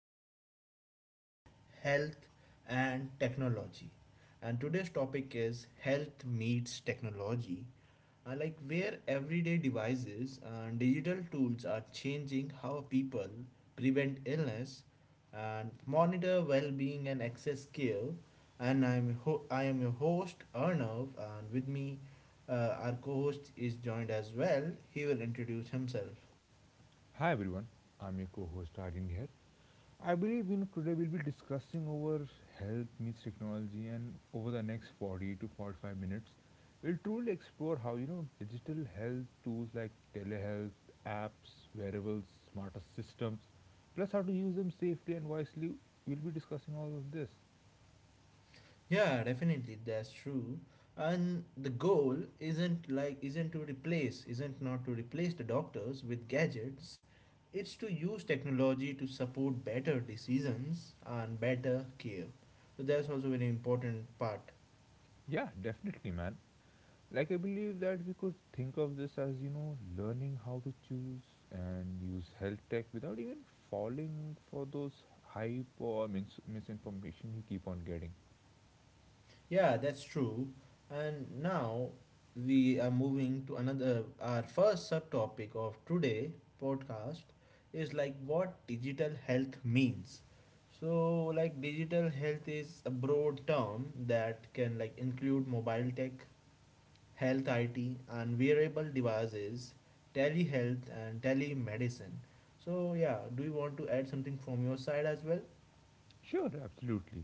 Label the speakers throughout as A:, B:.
A: going to discuss about health and technology. And today's topic is health meets technology. Like where everyday devices and digital tools are changing how people prevent illness and monitor well-being and access care. And I am your host Arnav, and with me our co-host is joined as well. He will introduce himself.
B: Hi everyone, I'm your co-host Aryan here. I believe today we'll be discussing over health meets technology, and over the next 40 to 45 minutes we'll truly explore how digital health tools like telehealth apps, wearables, smarter systems, plus how to use them safely and wisely. We'll be discussing all of this.
A: Yeah, definitely, that's true. And the goal isn't to replace, isn't not to replace the doctors with gadgets. It's to use technology to support better decisions and better care. So that's also very important part.
B: Yeah, definitely man. I believe that we could think of this as, learning how to choose and use health tech without even falling for those hype or misinformation you keep on getting.
A: Yeah, that's true. And now we are moving to another, our first subtopic of today podcast is like what digital health means. So, like, digital health is a broad term that can like include mobile tech, health IT, and wearable devices, telehealth, and telemedicine. So, yeah, do you want to add something from your side as well?
B: Sure, absolutely.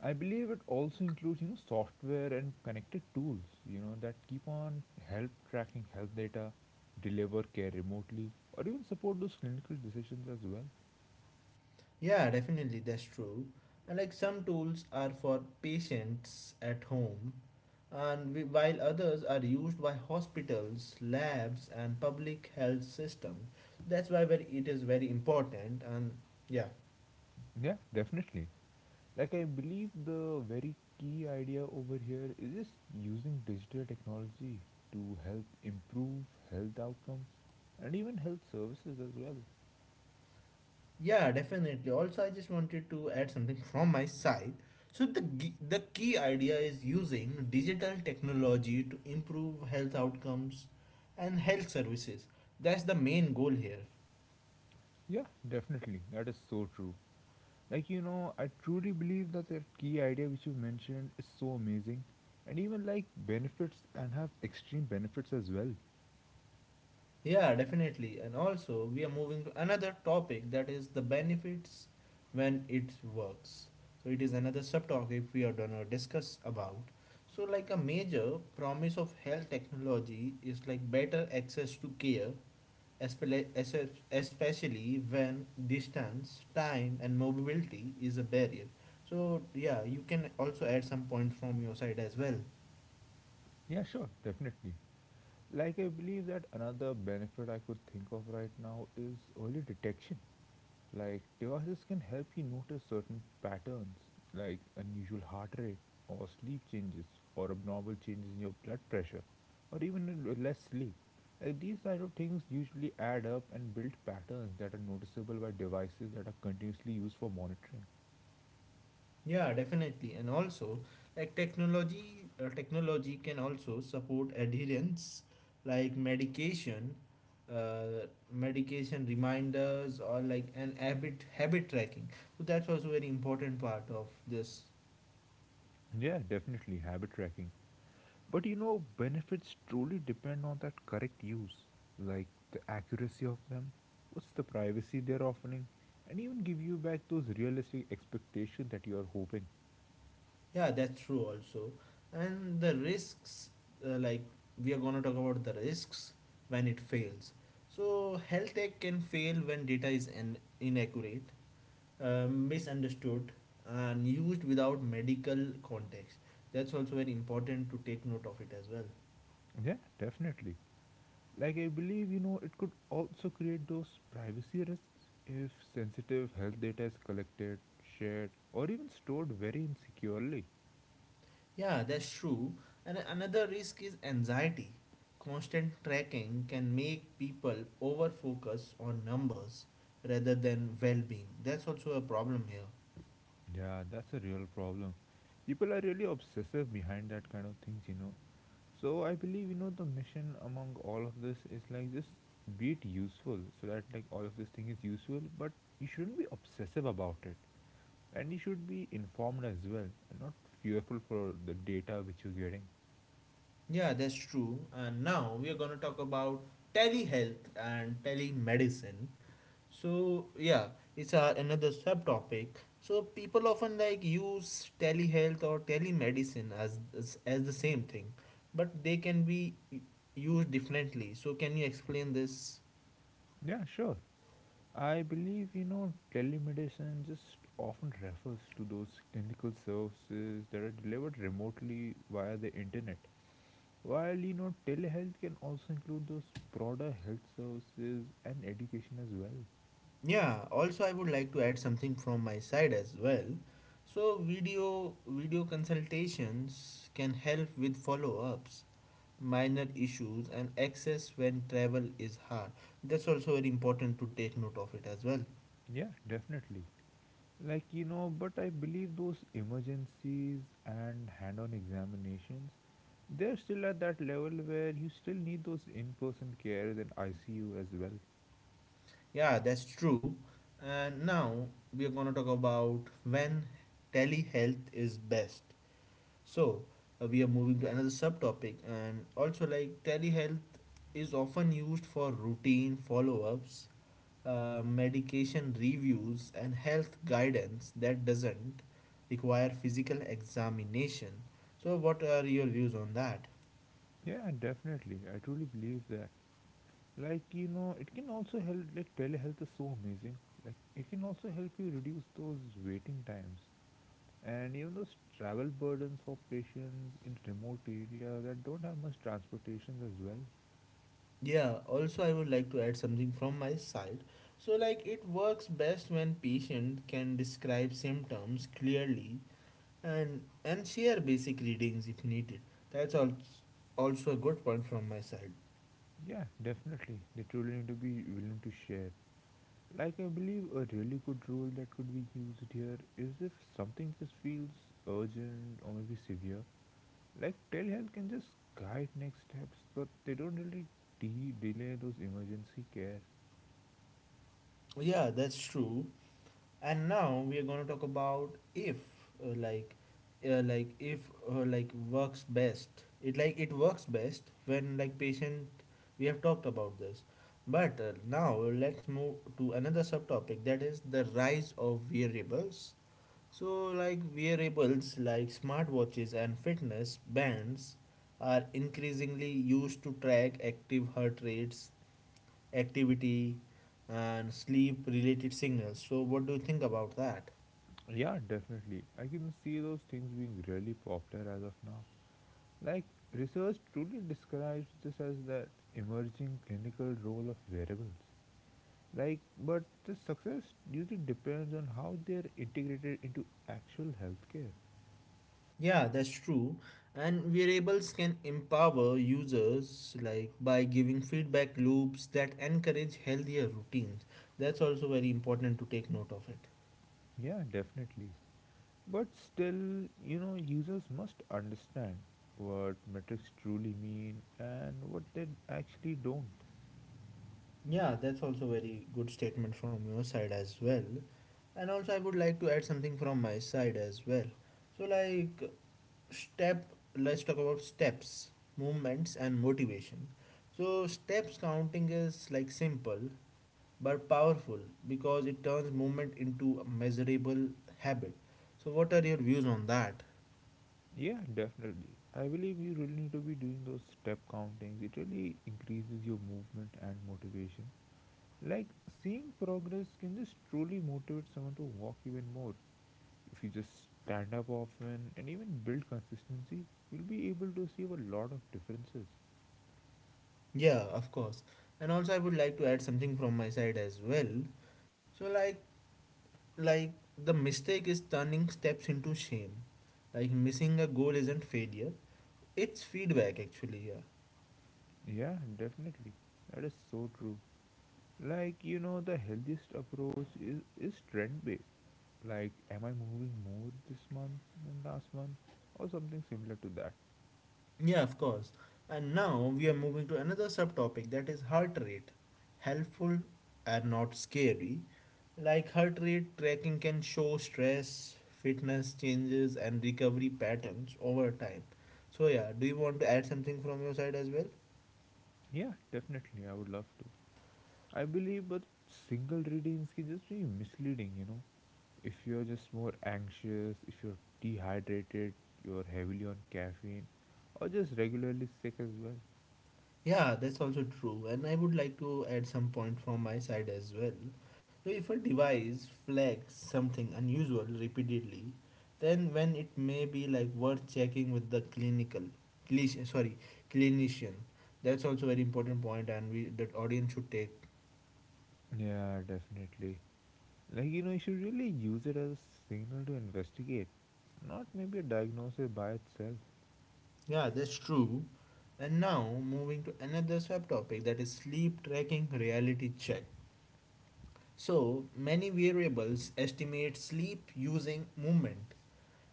B: I believe it also includes, software and connected tools, that keep on help tracking health data, deliver care remotely, or even support those clinical decisions as well.
A: Yeah, definitely, that's true. And like some tools are for patients at home, and we, while others are used by hospitals, labs, and public health systems. That's why very, it is very important. And yeah,
B: Yeah, definitely. I believe the very key idea over here is just using digital technology to help improve health outcomes and even health services as well.
A: yeah, definitely. Also, I just wanted to add something from my side. So the key idea is using digital technology to improve health outcomes and health services. That's the main goal here.
B: Yeah, definitely. That is so true. I truly believe that key idea which you mentioned is so amazing and even like benefits and have extreme benefits as well.
A: Yeah, definitely. And also, we are moving to another topic that is the benefits when it works. So, it is another subtopic we are gonna discuss about. So, like a major promise of health technology is like better access to care, espele- es- especially when distance, time, and mobility is a barrier. So, yeah, you can also add some points from your side as well.
B: Yeah, sure, definitely. I believe that another benefit I could think of right now is early detection. Like devices can help you notice certain patterns, like unusual heart rate, or sleep changes, or abnormal changes in your blood pressure, or even less sleep. Like these type of things usually add up and build patterns that are noticeable by devices that are continuously used for monitoring.
A: Yeah, definitely. And also, like technology can also support adherence, like uh, medication reminders, or like an habit tracking. So that's also very important part of this.
B: Yeah, definitely habit tracking. But benefits truly depend on that correct use, like the accuracy of them, what's the privacy they're offering, and even give you back those realistic expectations that you are hoping.
A: Yeah, that's true also. And the risks, like we are gonna talk about the risks when it fails. So health tech can fail when data is an inaccurate misunderstood and used without medical context. That's also very important to take note of it as well.
B: Yeah, definitely. Like, I believe, you know, it could also create those privacy risks if sensitive health data is collected, shared, or even stored very insecurely.
A: Yeah, that's true. And another risk is anxiety. Constant tracking can make people over focus on numbers rather than well being. That's also a problem here.
B: Yeah, that's a real problem. People are really obsessive behind that kind of things. So I believe the mission among all of this is like just be it useful so that like all of this thing is useful, but you shouldn't be obsessive about it, and you should be informed as well and not fearful for the data which you're getting.
A: Yeah, that's true. And now we are going to talk about telehealth and telemedicine. So yeah, it's a, another subtopic. So people often like use telehealth or telemedicine as, as the same thing, but they used differently. So can you explain this?
B: Yeah, sure. I believe telemedicine just often refers to those clinical services that are delivered remotely via the internet. While telehealth can also include those broader health services and education as well.
A: Yeah. Also, I would like to add something from my side as well. So video consultations can help with follow-ups, minor issues, and access when travel is hard. That's also very important to take note of it as well.
B: Yeah, definitely. But I believe those emergencies and hand on examinations, they're still at that level where you still need those in person cares and ICU as well.
A: Yeah, that's true. And now we are going to talk about when telehealth is best. So we are moving to another subtopic, and also like telehealth is often used for routine follow ups, medication reviews, and health guidance that doesn't require physical examination. So, what are your views on that?
B: Yeah, definitely. I truly believe that. It can also help, like, telehealth is so amazing. Like, it can also help you reduce those waiting times and even those travel burdens for patients in remote areas that don't have much transportations as well.
A: Yeah, also I would like to add something from my side. So like it works best when patient can describe symptoms clearly and share basic readings if needed. That's al- also a good point from my side.
B: Yeah, definitely. They truly need to be willing to share. I believe a really good rule that could be used here is if something just feels urgent or maybe severe. Like, telehealth can just guide next steps, but they don't really delay those emergency care.
A: Yeah, that's true. And now we are going to talk about uh, like if works best it works best when like patient we have talked about this, but now let's move to another subtopic that is the rise of wearables. So like wearables like smartwatches and fitness bands are increasingly used to track active heart rates, activity, and sleep related signals. So what do you think about that?
B: Yeah, definitely. I can see those things being really popular as of now. Like, research truly describes this as that emerging clinical role of variables. Like, but the success usually depends on how they are integrated into actual healthcare.
A: Yeah, that's true. And variables can empower users like by giving feedback loops that encourage healthier routines. That's also very important to take note of it.
B: Yeah, definitely. But still, users must understand what metrics truly mean and what they actually don't.
A: Yeah, that's also very good statement from your side as well. And also I would like to add something from my side as well. So like step let's talk about steps, movements and motivation. So steps counting is like simple but powerful because it turns movement into a measurable habit. So, what are your views on that?
B: Yeah, definitely. I believe you really need to be doing those step countings. It really increases your movement and motivation. Like seeing progress can just truly motivate someone to walk even more. If you just stand up often and even build consistency, you'll be able to see a lot of differences.
A: Yeah, of course. And also, I would like to add something from my side as well. So, like the mistake is turning steps into shame. Like missing a goal isn't failure; it's feedback actually. Yeah.
B: Yeah, definitely. That is so true. The healthiest approach is trend based. Like, am I moving more this month than last month? Or something similar to that.
A: Yeah, of course. And now we are moving to another subtopic that is heart rate. Helpful and not scary. Like heart rate tracking can show stress, fitness changes, and recovery patterns over time. So, yeah, do you want to add something from your side as well?
B: Yeah, definitely. I would love to. I believe, but single readings can just be misleading. If you're just more anxious, if you're dehydrated, you're heavily on caffeine, or just regularly sick as well.
A: Yeah, that's also true. And I would like to add some point from my side as well. So, if a device flags something unusual repeatedly, then when it may be like worth checking with the clish, sorry, clinician. That's also very important point, and we that audience should take.
B: Yeah, definitely. You should really use it as a signal to investigate, not maybe a diagnosis by itself.
A: Yeah, that's true. And now moving to another sub topic that is sleep tracking reality check. So many variables estimate sleep using movement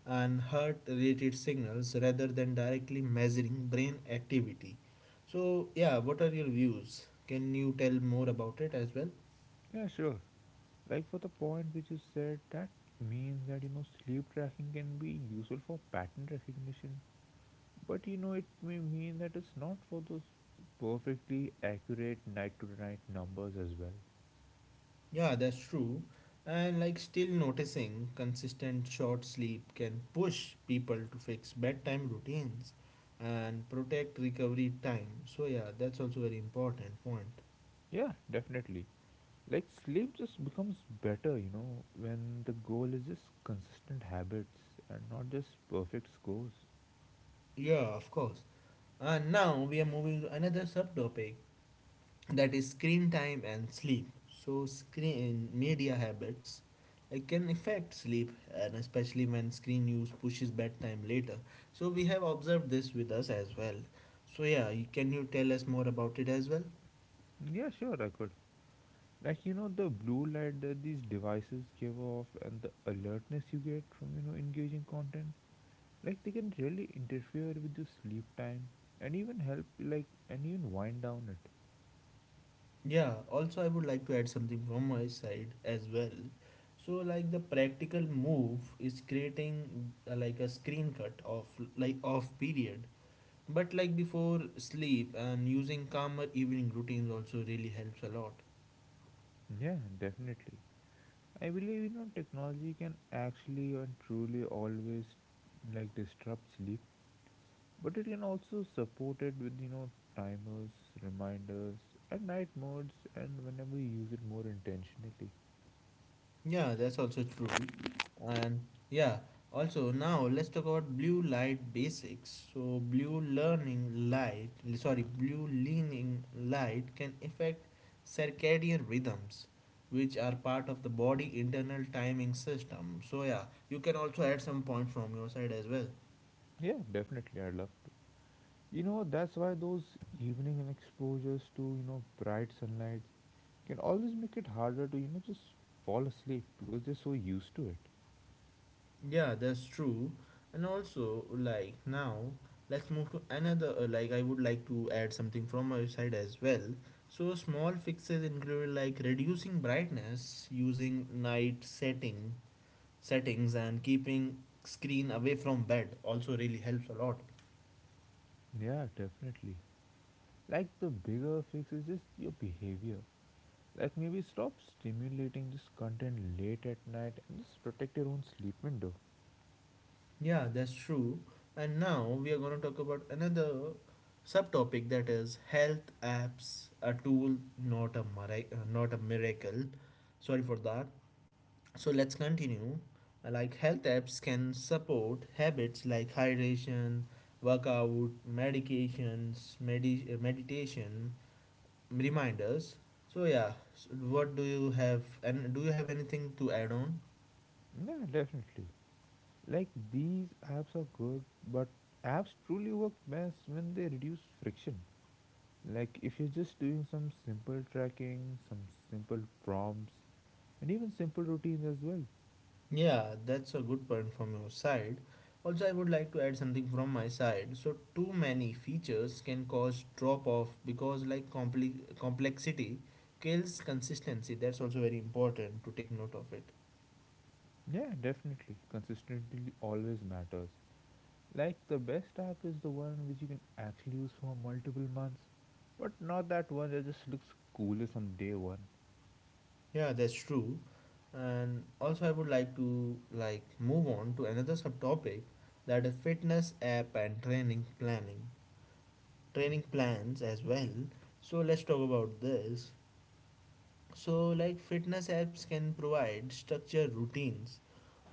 A: and heart related signals rather than directly measuring brain activity. So, yeah, what are your views? Can you tell more about it as well?
B: Yeah, sure. Like, for the point which you said, that means that, sleep tracking can be useful for pattern recognition, but, it may mean that it's not for those perfectly accurate night to night numbers as well.
A: Yeah, that's true. And like still noticing consistent short sleep can push people to fix bedtime routines and protect recovery time. So, yeah, that's also very important point.
B: Yeah, definitely. Like sleep just becomes better, when the goal is just consistent habits and not just perfect scores.
A: Yeah, of course. And now we are moving to another subtopic that is screen time and sleep. So screen media habits like can affect sleep, and especially when screen use pushes bedtime later. So we have observed this with us as well. So can you tell us more about it as well?
B: Yeah, sure, I could. The blue light that these devices give off and the alertness you get from, engaging content, like, they can really interfere with your sleep time and even help, like, and even wind down it.
A: Yeah, also I would like to add something from my side as well. So like the practical move is creating like a screen cut of like off period. But like before sleep and using calmer evening routines also really helps a lot.
B: Yeah, definitely. I believe technology can actually and truly always, like, disrupt sleep, but it can also support it with timers, reminders, and night modes, and whenever you use it more intentionally.
A: Yeah, that's also true. And yeah, also now let's talk about blue light basics. So blue leaning light can affect circadian rhythms, which are part of the body internal timing system. So yeah, you can also add some point from your side as well.
B: Yeah, definitely, I'd love to. That's why those evening and exposures to bright sunlight can always make it harder to just fall asleep because they're so used to it.
A: Yeah, that's true. And also, like now, let's move to another. Like, I would like to add something from my side as well. So, small fixes include like reducing brightness, using night setting settings, and keeping screen away from bed. Also, really helps a lot.
B: Yeah, definitely. Like the bigger fix is just your behavior. Like maybe stop stimulating this content late at night and just protect your own sleep window.
A: Yeah, that's true. And now we are going to talk about another subtopic that is health apps, a tool, not a miracle. Not a miracle sorry for that So let's continue. Like health apps can support habits like hydration, workout, medications, meditation, reminders. So yeah, so what do you have and do you have anything to add on?
B: Yeah, definitely. Like these apps are good, but apps truly work best when they reduce friction. Like if you're just doing some simple tracking, some simple prompts, and even simple routines as well.
A: Yeah, that's a good point from your side. Also, I would like to add something from my side. So too many features can cause drop off because like compli complexity kills consistency. That's also very important to take note of it.
B: Yeah, definitely. Consistency always matters. Like the best app is the one which you can actually use for multiple months, but not that one that just looks coolest on day one.
A: Yeah, that's true. And also I would like to like move on to another subtopic that is fitness app and training planning. Training plans as well. So let's talk about this. So like fitness apps can provide structured routines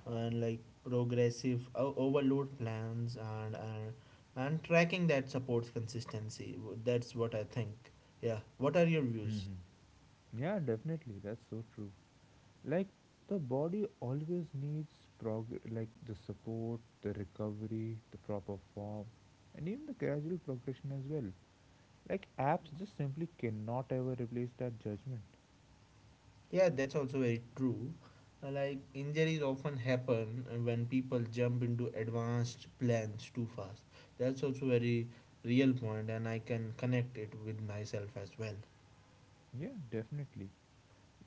A: and like overload plans and and tracking that supports consistency. That's what I think. Yeah, what are your
B: Hmm.
A: views?
B: Yeah, definitely. That's so true. Like the body always needs like the support, the recovery, the proper form, and even the gradual progression as well. Like apps just simply cannot ever replace that judgment.
A: Yeah, that's also very true. Like injuries often happen when people jump into advanced plans too fast. That's also very real point and I can connect it with myself as well.
B: Yeah, definitely.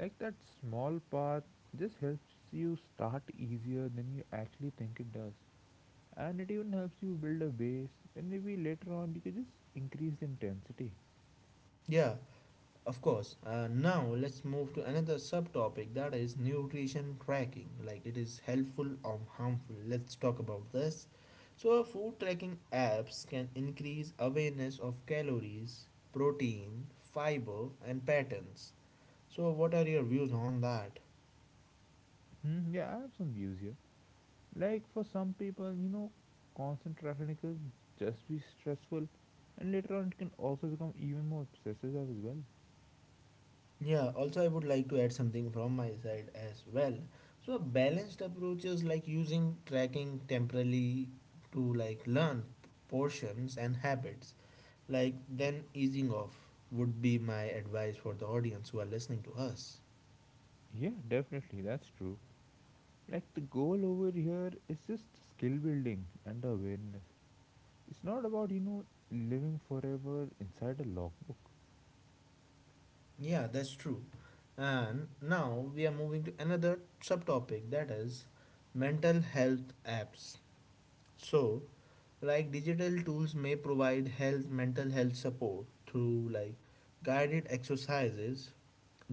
B: Like that small path just helps you start easier than you actually think it does, and it even helps you build a base, and maybe later on you can just increase the intensity.
A: Yeah, of course. Now let's move to another subtopic that is nutrition tracking. Like it is helpful or harmful. Let's talk about this. So, food tracking apps can increase awareness of calories, protein, fiber, and patterns. So, what are your views on that?
B: Hmm, yeah, I have some views here. Like for some people, constant traffic can just be stressful, and later on it can also become even more obsessive as well.
A: Yeah, also, I would like to add something from my side as well. So, a balanced approach is like using tracking temporarily to like learn portions and habits, like then easing off would be my advice for the audience who are listening to us.
B: Yeah, definitely, that's true. Like the goal over here is just skill building and awareness. It's not about, living forever inside a logbook.
A: Yeah, that's true. And now we are moving to another subtopic that is mental health apps. So, like digital tools may provide health mental health support through like guided exercises,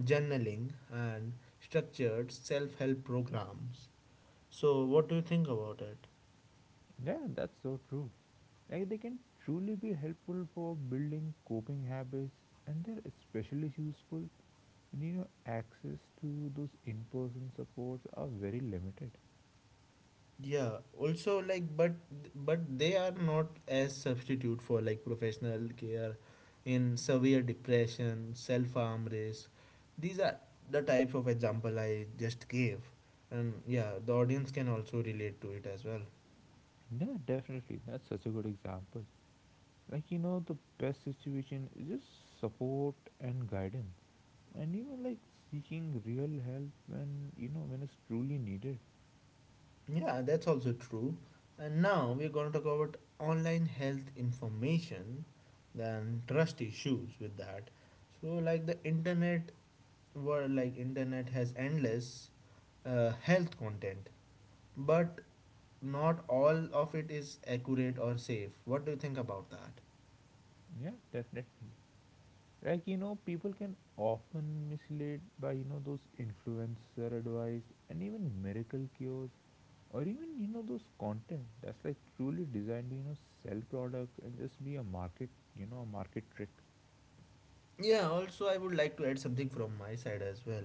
A: journaling, and structured self-help programs. So what do you think about it?
B: Yeah, that's so true. Like they can truly be helpful for building coping habits, and they're especially useful. And access to those in person supports are very limited.
A: Yeah, also like but they are not as substitute for like professional care in severe depression, self-harm risk. These are the type of example I just gave, and yeah the audience can also relate to it as well.
B: Yeah, definitely. That's such a good example. The best situation is just support and guidance. And even like seeking real help when, when it's truly needed.
A: Yeah, that's also true. And now we're going to talk about online health information, then trust issues with that. So, like internet has endless health content, but not all of it is accurate or safe. What do you think about that?
B: Yeah, definitely. Like people can often misled by those influencer advice and even miracle cures, or even those content that's like truly designed to sell products and just be a market, a market trick.
A: Yeah, also, I would like to add something from my side as well.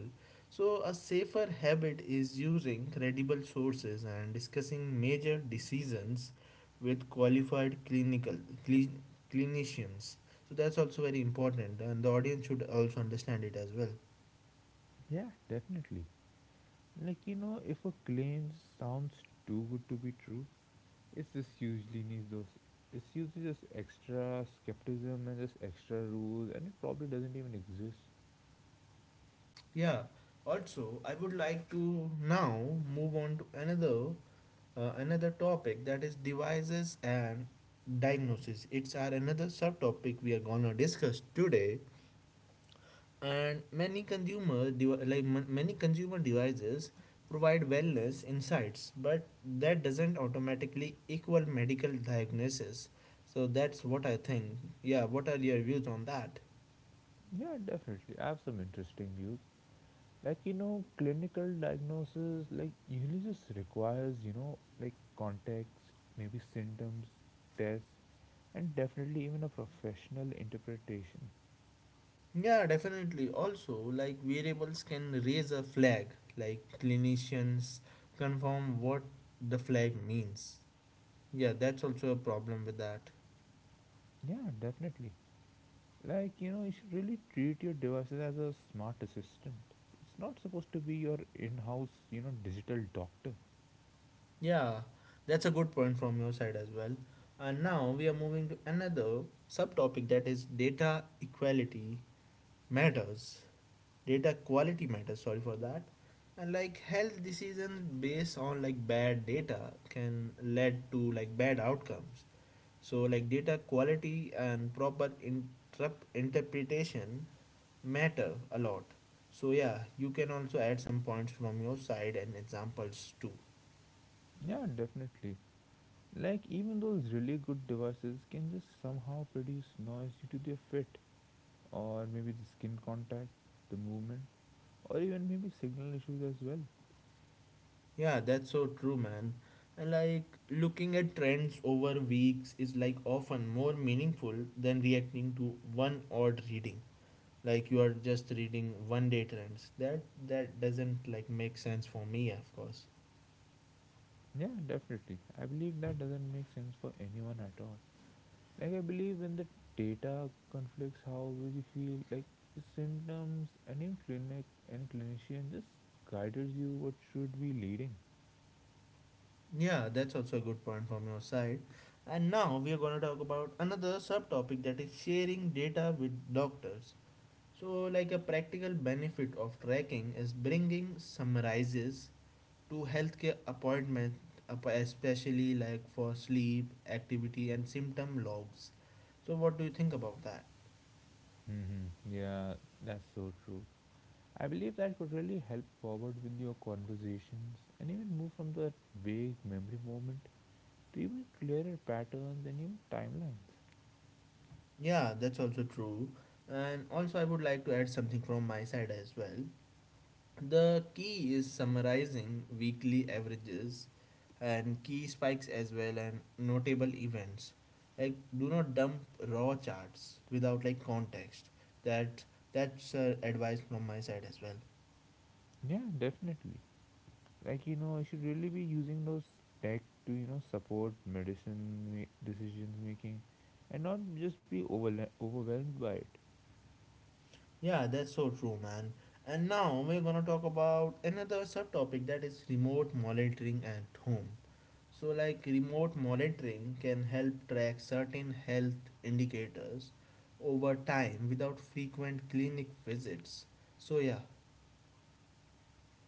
A: So, a safer habit is using credible sources and discussing major decisions with qualified cli- clinicians. So, that's also very important, and the audience should also understand it as well.
B: Yeah, definitely. Like if a claim sounds too good to be true it's just usually needs those it's usually just extra skepticism and just extra rules, and it probably doesn't even exist.
A: Yeah, also, I would like to now move on to another topic that is devices and diagnosis. It's our another subtopic we are gonna discuss today. And many consumer devices provide wellness insights, but that doesn't automatically equal medical diagnosis. So that's what I think. Yeah, what are your views on that?
B: Yeah, definitely, I have some interesting views. Like clinical diagnosis like usually just requires like context, maybe symptoms, tests, and definitely even a professional interpretation.
A: Yeah, definitely, also like variables can raise a flag, like clinicians confirm what the flag means. Yeah, that's also a problem with that.
B: Yeah, definitely. Like you should really treat your devices as a smart assistant. It's not supposed to be your in-house, digital doctor.
A: Yeah, that's a good point from your side as well. And now we are moving to another subtopic that is data equality matters. Data quality matters, sorry for that. And like health decisions based on like bad data can lead to like bad outcomes. So like data quality and proper interpretation matter a lot. So yeah, you can also add some points from your side and examples too.
B: Yeah, definitely. Like even those really good devices can just somehow produce noise due to their fit, or maybe the skin contact, the movement, or even maybe signal issues as well.
A: Yeah, that's so true, man. And like looking at trends over weeks is like often more meaningful than reacting to one odd reading. Like you are just reading one day trends. That doesn't like make sense for me, of course.
B: Yeah, definitely. I believe that doesn't make sense for anyone at all. Like I believe in the data conflicts how will you feel, like symptoms and even clinician just guides you what should be leading.
A: Yeah, that's also a good point from your side. And now we are going to talk about another subtopic that is sharing data with doctors. So, like a practical benefit of tracking is bringing summarizes to healthcare appointment, especially like for sleep, activity, and symptom logs. So, what do you think about that?
B: Hmm. Yeah, that's so true. I believe that could really help forward with your conversations and even move from that vague memory moment to even clearer patterns and even timelines.
A: Yeah, that's also true. And also, I would like to add something from my side as well. The key is summarizing weekly averages and key spikes as well and notable events. Like, do not dump raw charts without like context. That that's advice from my side as well.
B: Yeah, definitely. Like, you know, you should really be using those tech to, you know, support decisions making, and not just be overwhelmed by it.
A: Yeah, that's so true, man. And now we're gonna talk about another subtopic that is remote monitoring at home. So, like, remote monitoring can help track certain health indicators over time without frequent clinic visits. So, yeah,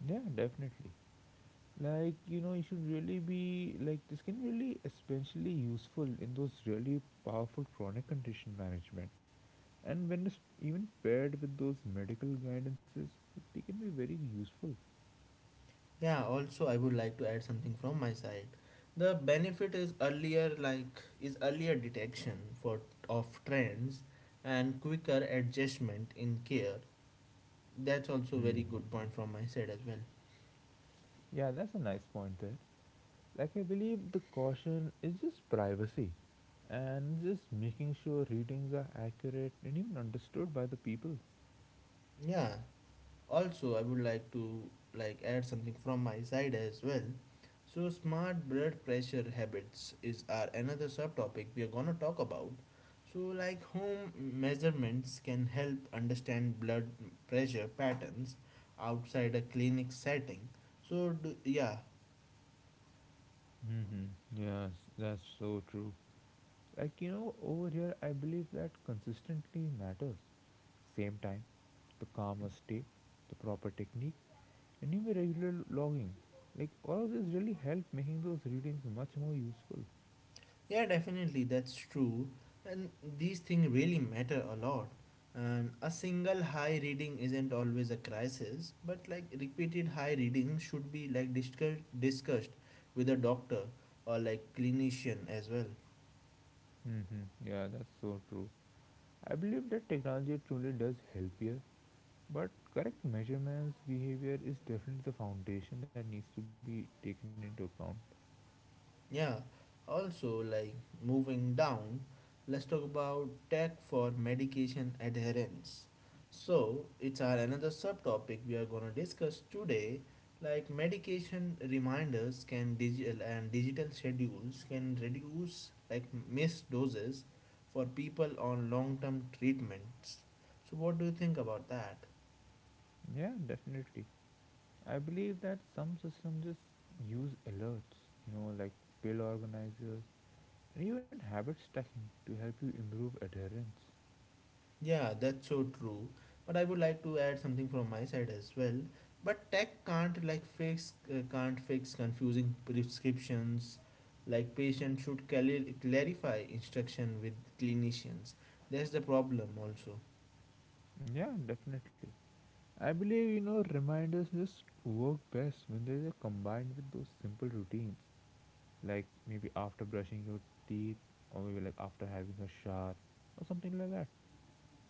B: Yeah, definitely. Like, you know, you should really be like this can really especially useful in those really powerful chronic condition management, and when it's even paired with those medical guidances, they can be very useful.
A: yeah, also, I would like to add something from my side. The benefit is earlier detection for of trends and quicker adjustment in care. That's also very
B: hmm
A: good point from my side as well.
B: yeah, that's a nice point there. Like, I believe the caution is just privacy and just making sure readings are accurate and even understood by the people.
A: Yeah. Also, I would like to like add something from my side as well. So, smart blood pressure habits is our another subtopic we are gonna talk about. So, like home measurements can help understand blood pressure patterns outside a clinic setting. So, do, yeah,
B: Mm-hmm. Yes, that's so true. Like, you know, over here, I believe that consistently matters. Same time, the calmer state, the proper technique, and even regular logging. Like, all of this really help making those readings much more useful.
A: yeah, definitely, that's true. And these things really matter a lot. And a single high reading isn't always a crisis, but like repeated high readings should be like discussed with a doctor or like clinician as well.
B: Mm-hmm. Yeah, that's so true. I believe that technology truly does help here, but correct measurements, behavior is definitely the foundation that needs to be taken into account.
A: Yeah, also, like moving down, let's talk about tech for medication adherence. So, it's our another subtopic we are going to discuss today. Like medication reminders can digital schedules can reduce like missed doses for people on long term treatments. So, what do you think about that?
B: Yeah, definitely. I believe that some systems just use alerts, you know, like pill organizers and even habit stacking to help you improve adherence.
A: Yeah, that's so true. But I would like to add something from my side as well. But tech can't fix confusing prescriptions. Like patient should clarify instruction with clinicians. That's the problem also.
B: Yeah, definitely. I believe, you know, reminders just work best when they are combined with those simple routines, like maybe after brushing your teeth, or maybe like after having a shower, or something like that.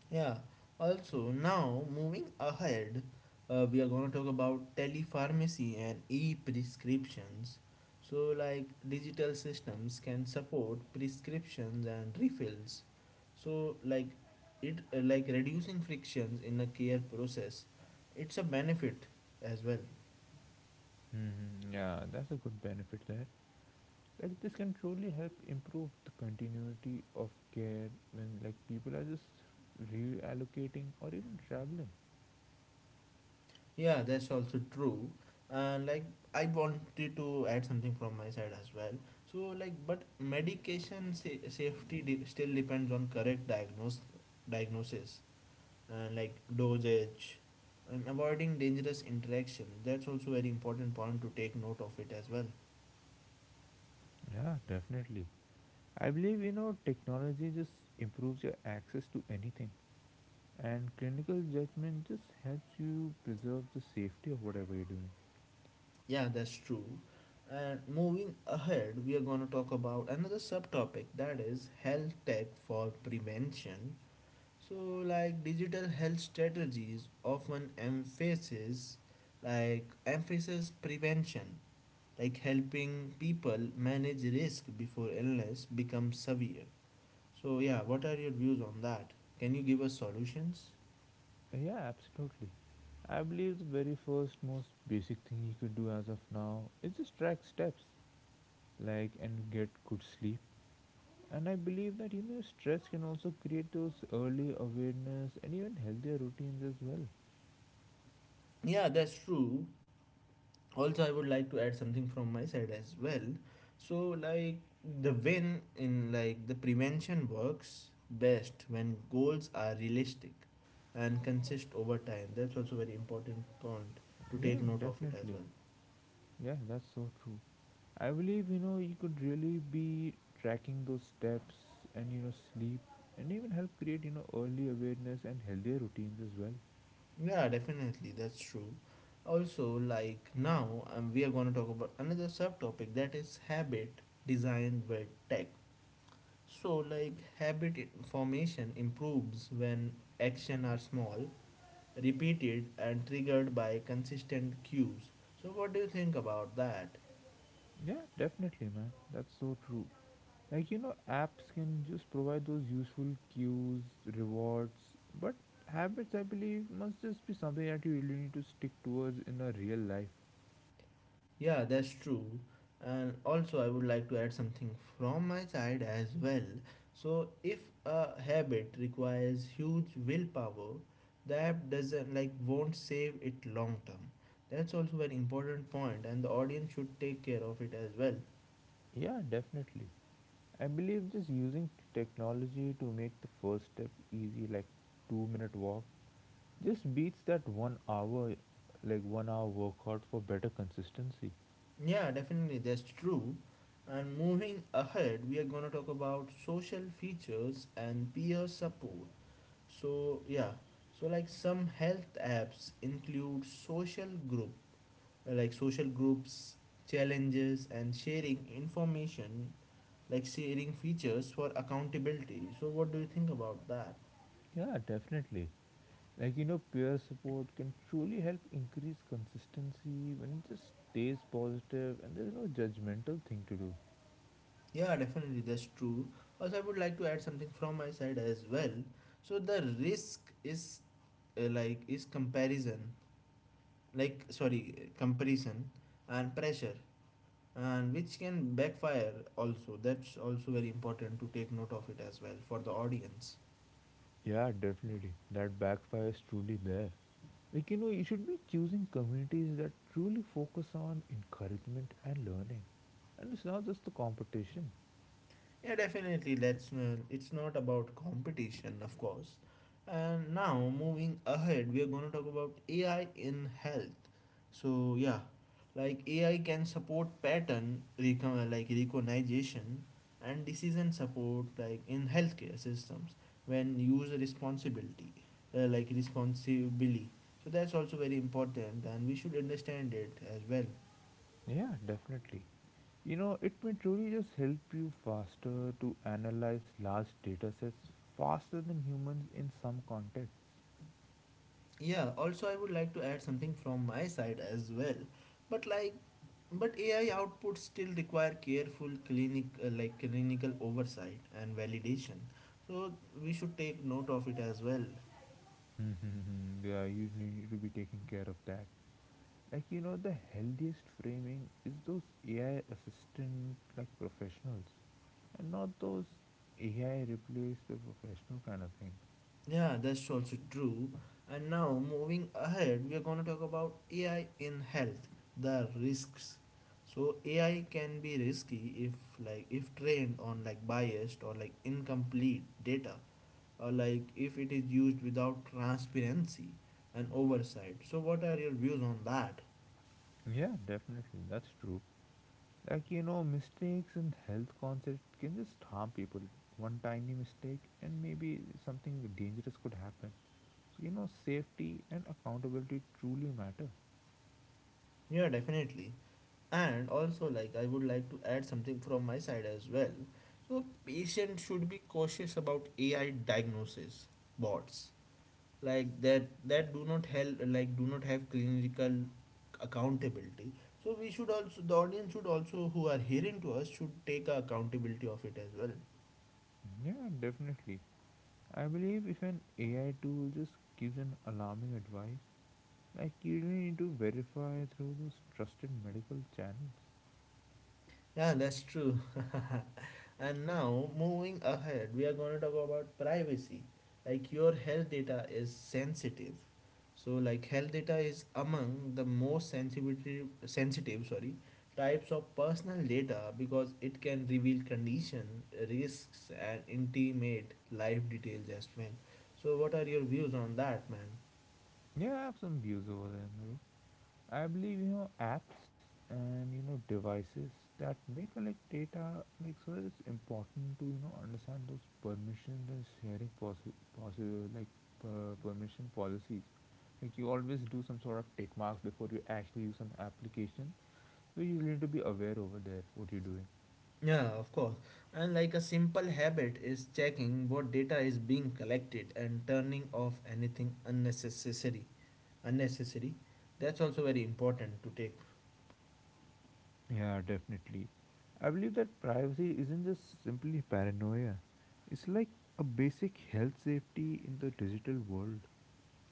A: Yeah, also now moving ahead, we are going to talk about telepharmacy and e prescriptions. So, like digital systems can support prescriptions and refills. So, like it reducing frictions in the care process. It's a benefit as well.
B: Yeah, that's a good benefit there. Like this can truly help improve the continuity of care when like people are just reallocating or even traveling.
A: Yeah, that's also true. And like I wanted to add something from my side as well. So like, but medication still depends on correct diagnose diagnosis and like dosage and avoiding dangerous interaction. That's also very important point to take note of it as well.
B: Yeah, definitely. I believe, you know, technology just improves your access to anything, and clinical judgment just helps you preserve the safety of whatever you're doing.
A: Yeah, that's true. And moving ahead, we are going to talk about another subtopic that is health tech for prevention. So, like digital health strategies often emphasis prevention, like helping people manage risk before illness becomes severe. So, yeah, what are your views on that? Can you give us solutions?
B: Yeah, absolutely. I believe the very first most basic thing you could do as of now is just track steps like and get good sleep. And I believe that, you know, stress can also create those early awareness and even healthier routines as well.
A: Yeah, that's true. Also, I would like to add something from my side as well. So like the win in like the prevention works best when goals are realistic and consist over time. That's also very important point to
B: Yeah,
A: take note of it as
B: definitely.
A: well.
B: Yeah, that's so true. I believe, you know, you could really be tracking those steps and, you know, sleep and even help create, you know, early awareness and healthier routines as well.
A: Yeah, definitely, that's true. Also, like now we are going to talk about another subtopic that is habit designed by tech. So like formation improves when action are small, repeated and triggered by consistent cues. So, what do you think about that?
B: Yeah, definitely, man. That's so true. Like, you know, apps can just provide those useful cues, rewards, but habits I believe must just be something that you really need to stick towards in a real life.
A: Yeah, that's true. And also, I would like to add something from my side as well. So, if a habit requires huge willpower, the app doesn't like won't save it long term. That's also an important point, and the audience should take care of it as well.
B: Yeah, definitely. I believe just using technology to make the first step easy, like 2-minute walk, just beats that 1 hour, like one hour workout for better consistency.
A: Yeah, definitely, that's true. And moving ahead, we are going to talk about social features and peer support. So yeah, so like some health apps include social groups, challenges and sharing information, like sharing features for accountability. So what do you think about that?
B: Yeah, definitely. Like, you know, peer support can truly help increase consistency when it just stays positive and there's no judgmental thing to do.
A: Yeah, definitely, that's true. Also, I would like to add something from my side as well. So the risk is like is comparison like sorry comparison and pressure and which can backfire also. That's also very important to take note of it as well for the audience.
B: Yeah, definitely. That backfire is truly there. Like, you know, you should be choosing communities that truly focus on encouragement and learning. And it's not just the competition.
A: Yeah, definitely. Let's it's not about competition, of course. And now moving ahead, we are going to talk about AI in health. So yeah, like AI can support pattern recon- like recognition and decision support like in healthcare systems when used responsibility like responsibly. So that's also very important and we should understand it as well.
B: Yeah, definitely. You know, it may truly just help you faster to analyze large data sets faster than humans in some contexts.
A: Yeah, also I would like to add something from my side as well. But like, but AI outputs still require careful clinical oversight and validation. So we should take note of it as well.
B: Yeah, you need to be taking care of that. Like, you know, the healthiest framing is those AI assistant like professionals, and not those AI replace the professional kind of thing.
A: Yeah, that's also true. And now, moving ahead, we are going to talk about AI in health, the risks. So AI can be risky if like if trained on like biased or like incomplete data, or like if it is used without transparency and oversight. So what are your views on that?
B: Yeah, definitely. That's true. Like, you know, mistakes and health concept can just harm people. One tiny mistake and maybe something dangerous could happen. So, you know, safety and accountability truly matter.
A: Yeah, definitely. And also like I would like to add something from my side as well. So patients should be cautious about AI diagnosis bots, like that do not have clinical accountability. So we should also, the audience should also, who are hearing to us, should take accountability of it as well.
B: Yeah, definitely. I believe if an AI tool just gives an alarming advice, like you really need to verify through those trusted medical channels.
A: Yeah, that's true. And now, moving ahead, we are going to talk about privacy. Like, your health data is sensitive. So, like, health data is among the most sensitive types of personal data, because it can reveal condition, risks, and intimate life details as well. So, what are your views on that, man?
B: Yeah, I have some views over there, bro. I believe, you know, apps and, you know, devices that may collect data, like, so it's important to, you know, understand those permissions and sharing possible like permission policies, like you always do some sort of tick marks before you actually use an application. So you need to be aware over there what you're doing.
A: Yeah, of course. And like a simple habit is checking what data is being collected and turning off anything unnecessary. That's also very important to take.
B: Yeah, definitely. I believe that privacy isn't just simply paranoia. It's like a basic health safety in the digital world.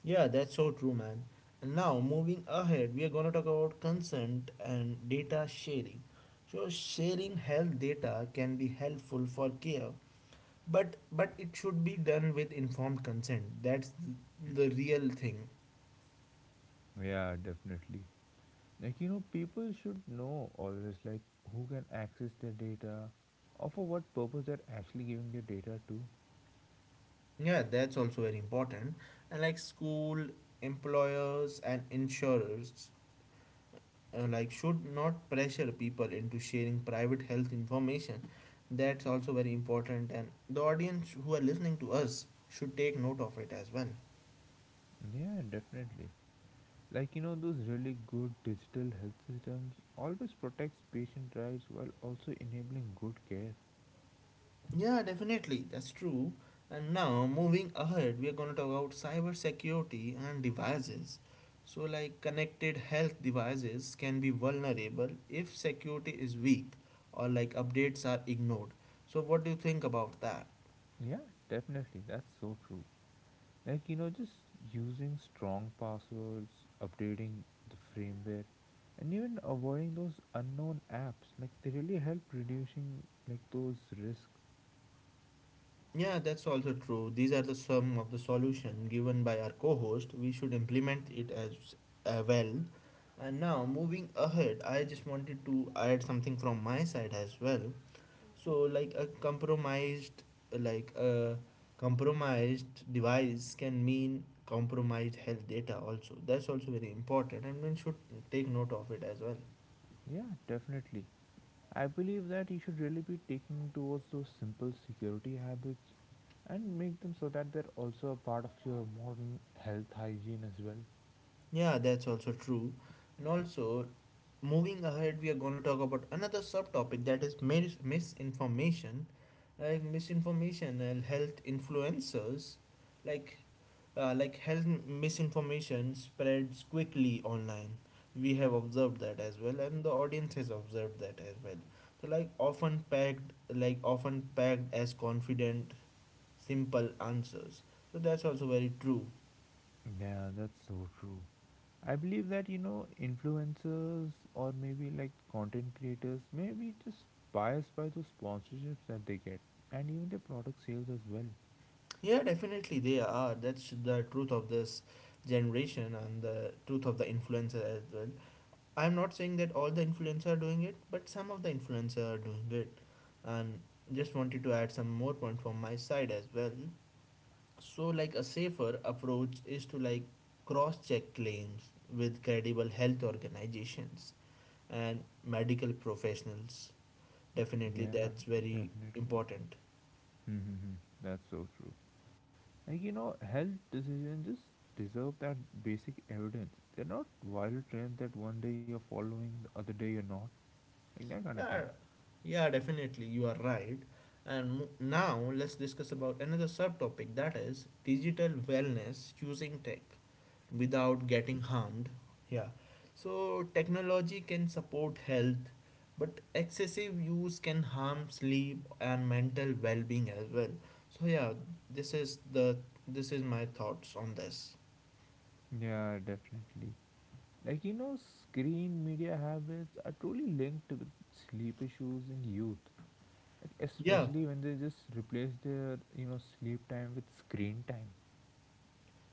A: Yeah, that's so true, man. And now, moving ahead, we are going to talk about consent and data sharing. So, sharing health data can be helpful for care, but it should be done with informed consent. That's the real thing.
B: Yeah, definitely. Like, you know, people should know always, like, who can access their data or for what purpose they're actually giving their data to.
A: Yeah, that's also very important. And like school, employers, and insurers should not pressure people into sharing private health information. That's also very important and the audience who are listening to us should take note of it as well.
B: Yeah, definitely. Like, you know, those really good digital health systems always protects patient rights while also enabling good care.
A: Yeah, definitely, that's true. And now moving ahead, we are going to talk about cyber security and devices. So like connected health devices can be vulnerable if security is weak or like updates are ignored. So what do you think about that?
B: Yeah, definitely. That's so true. Like, you know, just using strong passwords, updating the firmware, and even avoiding those unknown apps, like, they really help reducing, like, those risks.
A: Yeah, that's also true. These are the sum of the solution given by our co-host. We should implement it as well. And now moving ahead, I just wanted to add something from my side as well. So like a compromised device can mean compromised health data also. That's also very important and one should take note of it as well.
B: Yeah, definitely. I believe that you should really be taking towards those simple security habits and make them so that they're also a part of your modern health hygiene as well.
A: Yeah, that's also true. And also, moving ahead, we are going to talk about another subtopic, that is misinformation, like misinformation and health influencers. Like uh, like health misinformation spreads quickly online. We have observed that as well, and the audience has observed that as well. So, like often packed as confident simple answers. So that's also very true.
B: Yeah, that's so true. I believe that, you know, influencers or maybe like content creators may be just biased by those sponsorships that they get and even their product sales as well.
A: Yeah, definitely they are. That's the truth of this generation and the truth of the influencer as well. I'm not saying that all the influencers are doing it, but some of the influencers are doing it. And just wanted to add some more point from my side as well. So like a safer approach is to like cross-check claims with credible health organizations and medical professionals. Definitely that's
B: Yeah,
A: very
B: definitely.
A: important.
B: Mm-hmm. That's so true. Like, you know, health decisions just deserve that basic evidence. They're not viral trends that one day you're following, the other day you're not. Like, that kind of thing.
A: Yeah, yeah, definitely, you are right. And now let's discuss about another subtopic, that is digital wellness, using tech without getting harmed. Yeah. So technology can support health, but excessive use can harm sleep and mental well-being as well. So yeah, this is the this is my thoughts on this.
B: Yeah, definitely. Like, you know, screen media habits are truly linked with sleep issues in youth. Like,
A: Yeah,
B: especially when they just replace their, you know, sleep time with screen time.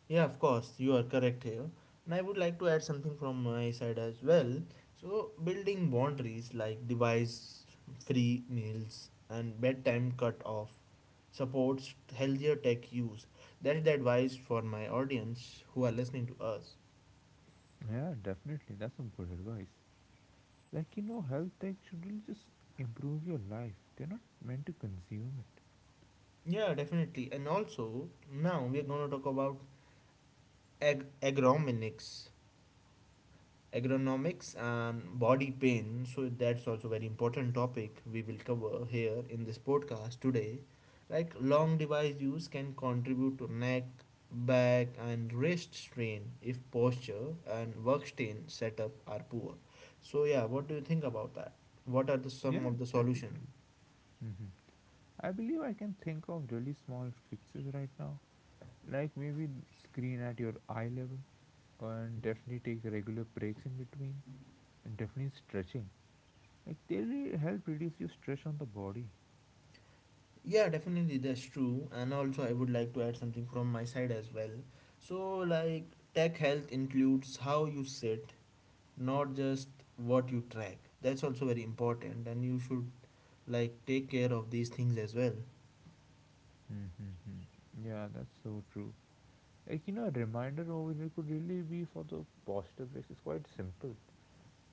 A: yeah, of course, you are correct here. And I would like to add something from my side as well. So, building boundaries like device free meals and bedtime cut off supports healthier tech use. That's the advice for my audience who are listening to us.
B: Yeah, definitely. That's some good advice. Like, you know, health tech should really just improve your life. They're not meant to consume it.
A: Yeah, definitely. And also, now we're going to talk about ag- agronomics agronomics and body pain. So that's also very important topic we will cover here in this podcast today. Like long device use can contribute to neck, back and wrist strain if posture and work stain setup are poor. So yeah, what do you think about that? What are the some
B: Yeah,
A: of the solution?
B: definitely. hmm I believe I can think of really small fixes right now, like maybe screen at your eye level, and definitely take regular breaks in between, and definitely stretching. Like they really help reduce your stress on the body.
A: Yeah, definitely that's true. And also I would like to add something from my side as well. So like tech health includes how you sit, not just what you track. That's also very important, and you should like take care of these things as well.
B: Mm-hmm. Yeah, that's so true. Like, you know, a reminder over here could really be for the posture breaks. It's quite simple.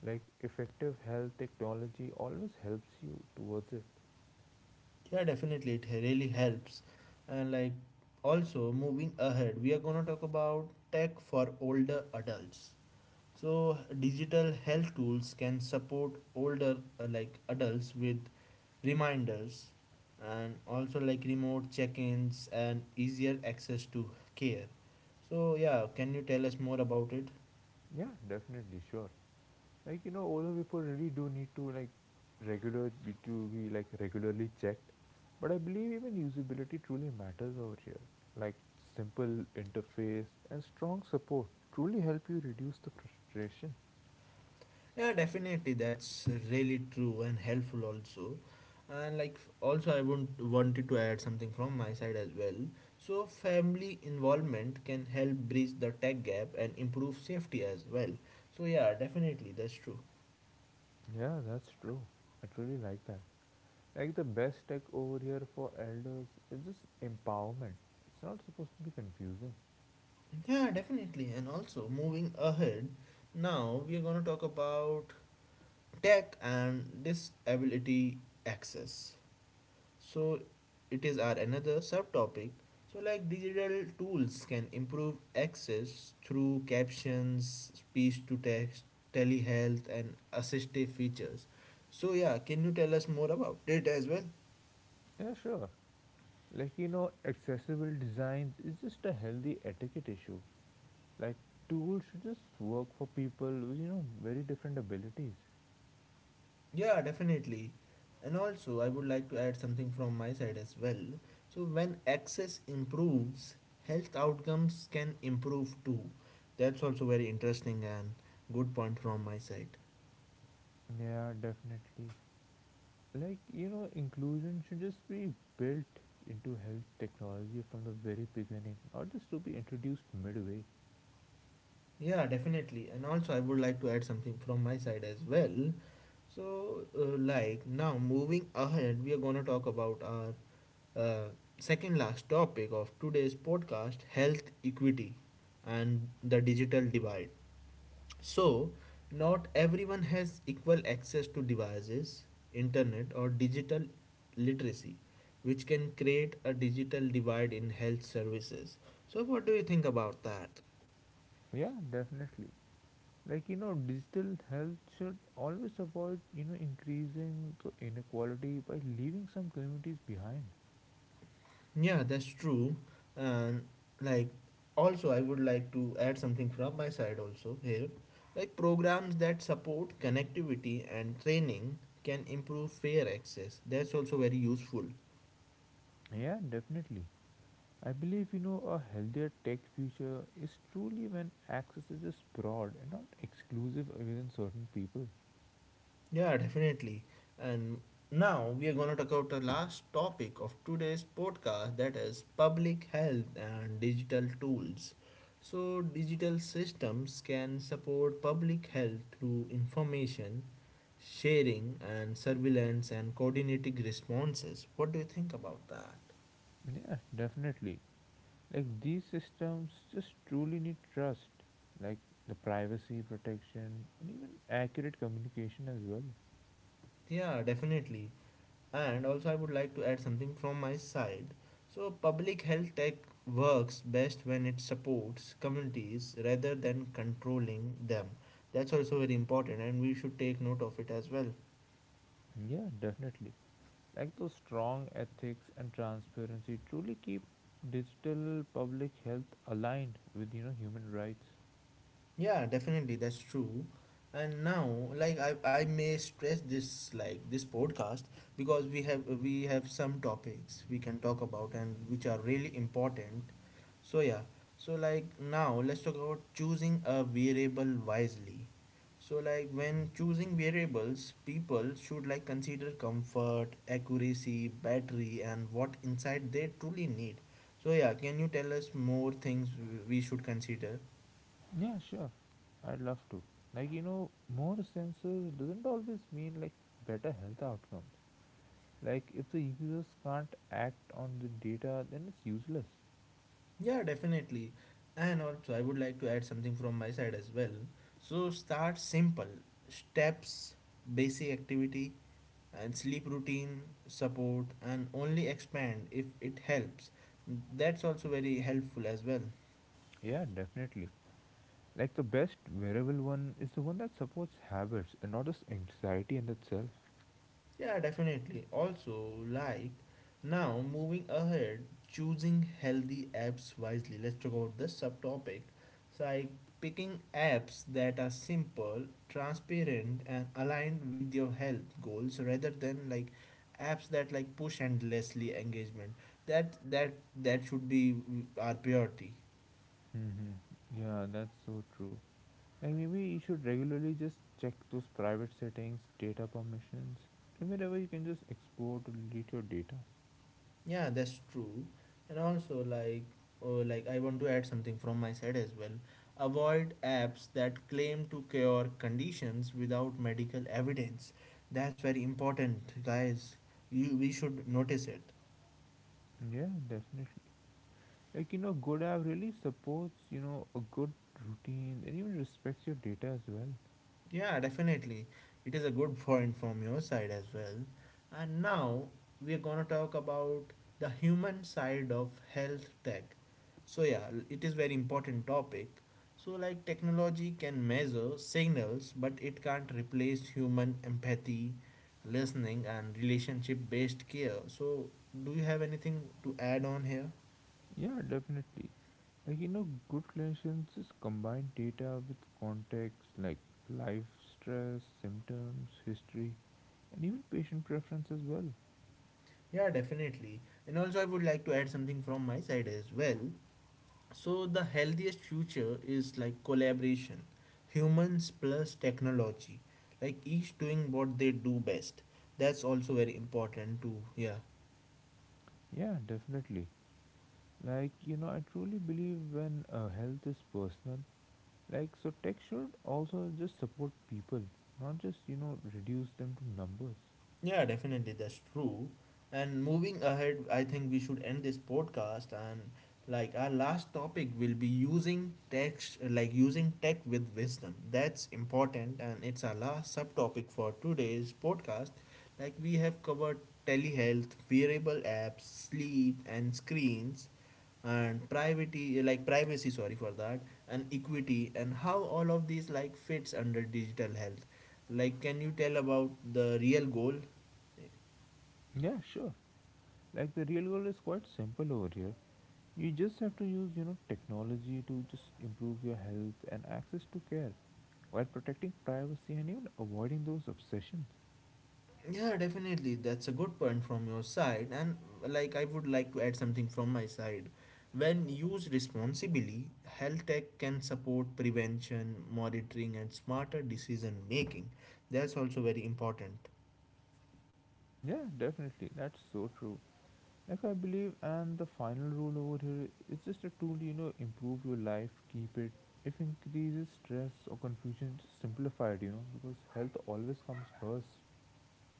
B: Like effective health technology always helps you towards it.
A: Yeah, definitely, it really helps. And like, also moving ahead, we are gonna talk about tech for older adults. So, digital health tools can support older like adults with reminders, and also like remote check-ins and easier access to care. So yeah, can you tell us more about it?
B: Yeah, definitely, sure. Like, you know, older people really do need to like regular be to be like regularly checked. But I believe even usability truly matters over here. Like simple interface and strong support truly help you reduce the frustration.
A: Yeah, definitely. That's really true and helpful also. And like also I want wanted to add something from my side as well. So family involvement can help bridge the tech gap and improve safety as well. So yeah, definitely that's true.
B: Yeah, that's true. I truly like that. Like the best tech over here for elders is just empowerment. It's not supposed to be confusing.
A: Yeah, definitely. And also moving ahead, now we are going to talk about tech and disability access. So it is our another subtopic. So like digital tools can improve access through captions, speech to text, telehealth and assistive features. So yeah, can you tell us more about it as well?
B: Yeah, sure. Like, you know, accessible designs is just a healthy etiquette issue. Like tools should just work for people with, you know, very different abilities.
A: Yeah, definitely. And also I would like to add something from my side as well. So when access improves, health outcomes can improve too. That's also very interesting and good point from my side.
B: Yeah, definitely. Like, you know, inclusion should just be built into health technology from the very beginning, not just to be introduced midway.
A: Yeah, definitely. And also, I would like to add something from my side as well. So, like now, moving ahead, we are going to talk about our uh, second last topic of today's podcast, health equity and the digital divide. So, not everyone has equal access to devices, internet, or digital literacy, which can create a digital divide in health services. So, what do you think about that?
B: Yeah, definitely. Like, you know, digital health should always avoid, you know, increasing the inequality by leaving some communities behind.
A: Yeah, that's true. And like, also, I would like to add something from my side also here. Like, programs that support connectivity and training can improve fair access. That's also very useful.
B: Yeah, definitely. I believe, you know, a healthier tech future is truly when access is just broad and not exclusive within certain people.
A: Yeah, definitely. And now we are going to talk about the last topic of today's podcast, that is public health and digital tools. So, digital systems can support public health through information sharing and surveillance and coordinating responses. What do you think about that?
B: Yeah, definitely. Like these systems just truly need trust, like the privacy protection and even accurate communication as well.
A: Yeah, definitely. And also, I would like to add something from my side. So, public health tech works best when it supports communities rather than controlling them. That's also very important, and we should take note of it as well.
B: Yeah, definitely. Like those strong ethics and transparency truly keep digital public health aligned with, you know, human rights.
A: Yeah, definitely, that's true. And now, like I may stress this like this podcast because we have some topics we can talk about and which are really important. So yeah, so like now let's talk about choosing a variable wisely. So like when choosing variables, people should like consider comfort, accuracy, battery, and what insight they truly need. So yeah, can you tell us more things we should consider?
B: Yeah, sure. I'd love to. Like, you know, more sensors doesn't always mean like better health outcomes. Like, if the users can't act on the data, then it's useless.
A: Yeah, definitely. And also, I would like to add something from my side as well. So, start simple steps, basic activity, and sleep routine support, and only expand if it helps. That's also very helpful as well.
B: Yeah, definitely. Like the best wearable one is the one that supports habits and not just anxiety in itself.
A: Yeah, definitely. Also, like now moving ahead, choosing healthy apps wisely. Let's talk about this subtopic. So, like picking apps that are simple, transparent, and aligned with your health goals rather than like apps that like push endlessly engagement. That that that should be our priority.
B: hmm Yeah, that's so true. And maybe you should regularly just check those private settings, data permissions, and wherever you can just export or delete your data.
A: Yeah, that's true. And also, like I want to add something from my side as well. Avoid apps that claim to cure conditions without medical evidence. That's very important, guys. You We should notice it.
B: Yeah, definitely. Like, you know, good app really supports, you know, a good routine and even respects your data as well.
A: Yeah, definitely. It is a good point from your side as well. And now we are going to talk about the human side of health tech. So yeah, it is very important topic. So like technology can measure signals, but it can't replace human empathy, listening and relationship based care. So do you have anything to add on here?
B: Yeah, definitely. Like, you know, good clinicians just combine data with context like life, stress, symptoms, history, and even patient preference as well.
A: Yeah, definitely. And also, I would like to add something from my side as well. So the healthiest future is like collaboration, humans plus technology, like each doing what they do best. That's also very important too. Yeah.
B: Yeah, definitely. Like, you know, I truly believe when health is personal, like, so tech should also just support people, not just, you know, reduce them to numbers.
A: Yeah, definitely, that's true. And moving ahead, I think we should end this podcast. And like our last topic will be using text, like using tech with wisdom. That's important, and it's our last subtopic for today's podcast. Like we have covered telehealth, wearable apps, sleep, and screens and privacy, sorry for that, and equity, and how all of these like fits under digital health. Like, can you tell about the real goal?
B: Yeah, sure. Like the real goal is quite simple over here. You just have to use, you know, technology to just improve your health and access to care while protecting privacy and even avoiding those obsessions.
A: Yeah, definitely. That's a good point from your side. And like, I would like to add something from my side. When used responsibly, health tech can support prevention, monitoring, and smarter decision making. That's also very important.
B: Yeah, definitely. That's so true. Like I believe and the final rule over here is just a tool, you know, improve your life, keep it. If increases stress or confusion, just simplify it, you know, because health always comes first.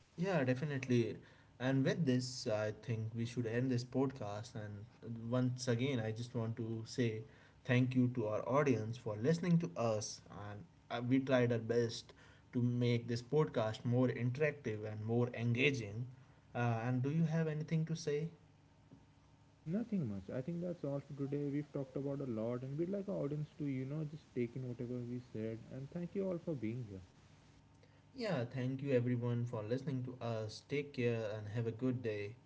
A: Yeah, definitely. And with this, I think we should end this podcast. And once again, I just want to say thank you to our audience for listening to us. And we tried our best to make this podcast more interactive and more engaging. And do you have anything to say?
B: Nothing much. I think that's all for today. We've talked about a lot, and we'd like our audience to, you know, just take in whatever we said. And thank you all for being here.
A: Yeah, thank you everyone for listening to us. Take care and have a good day.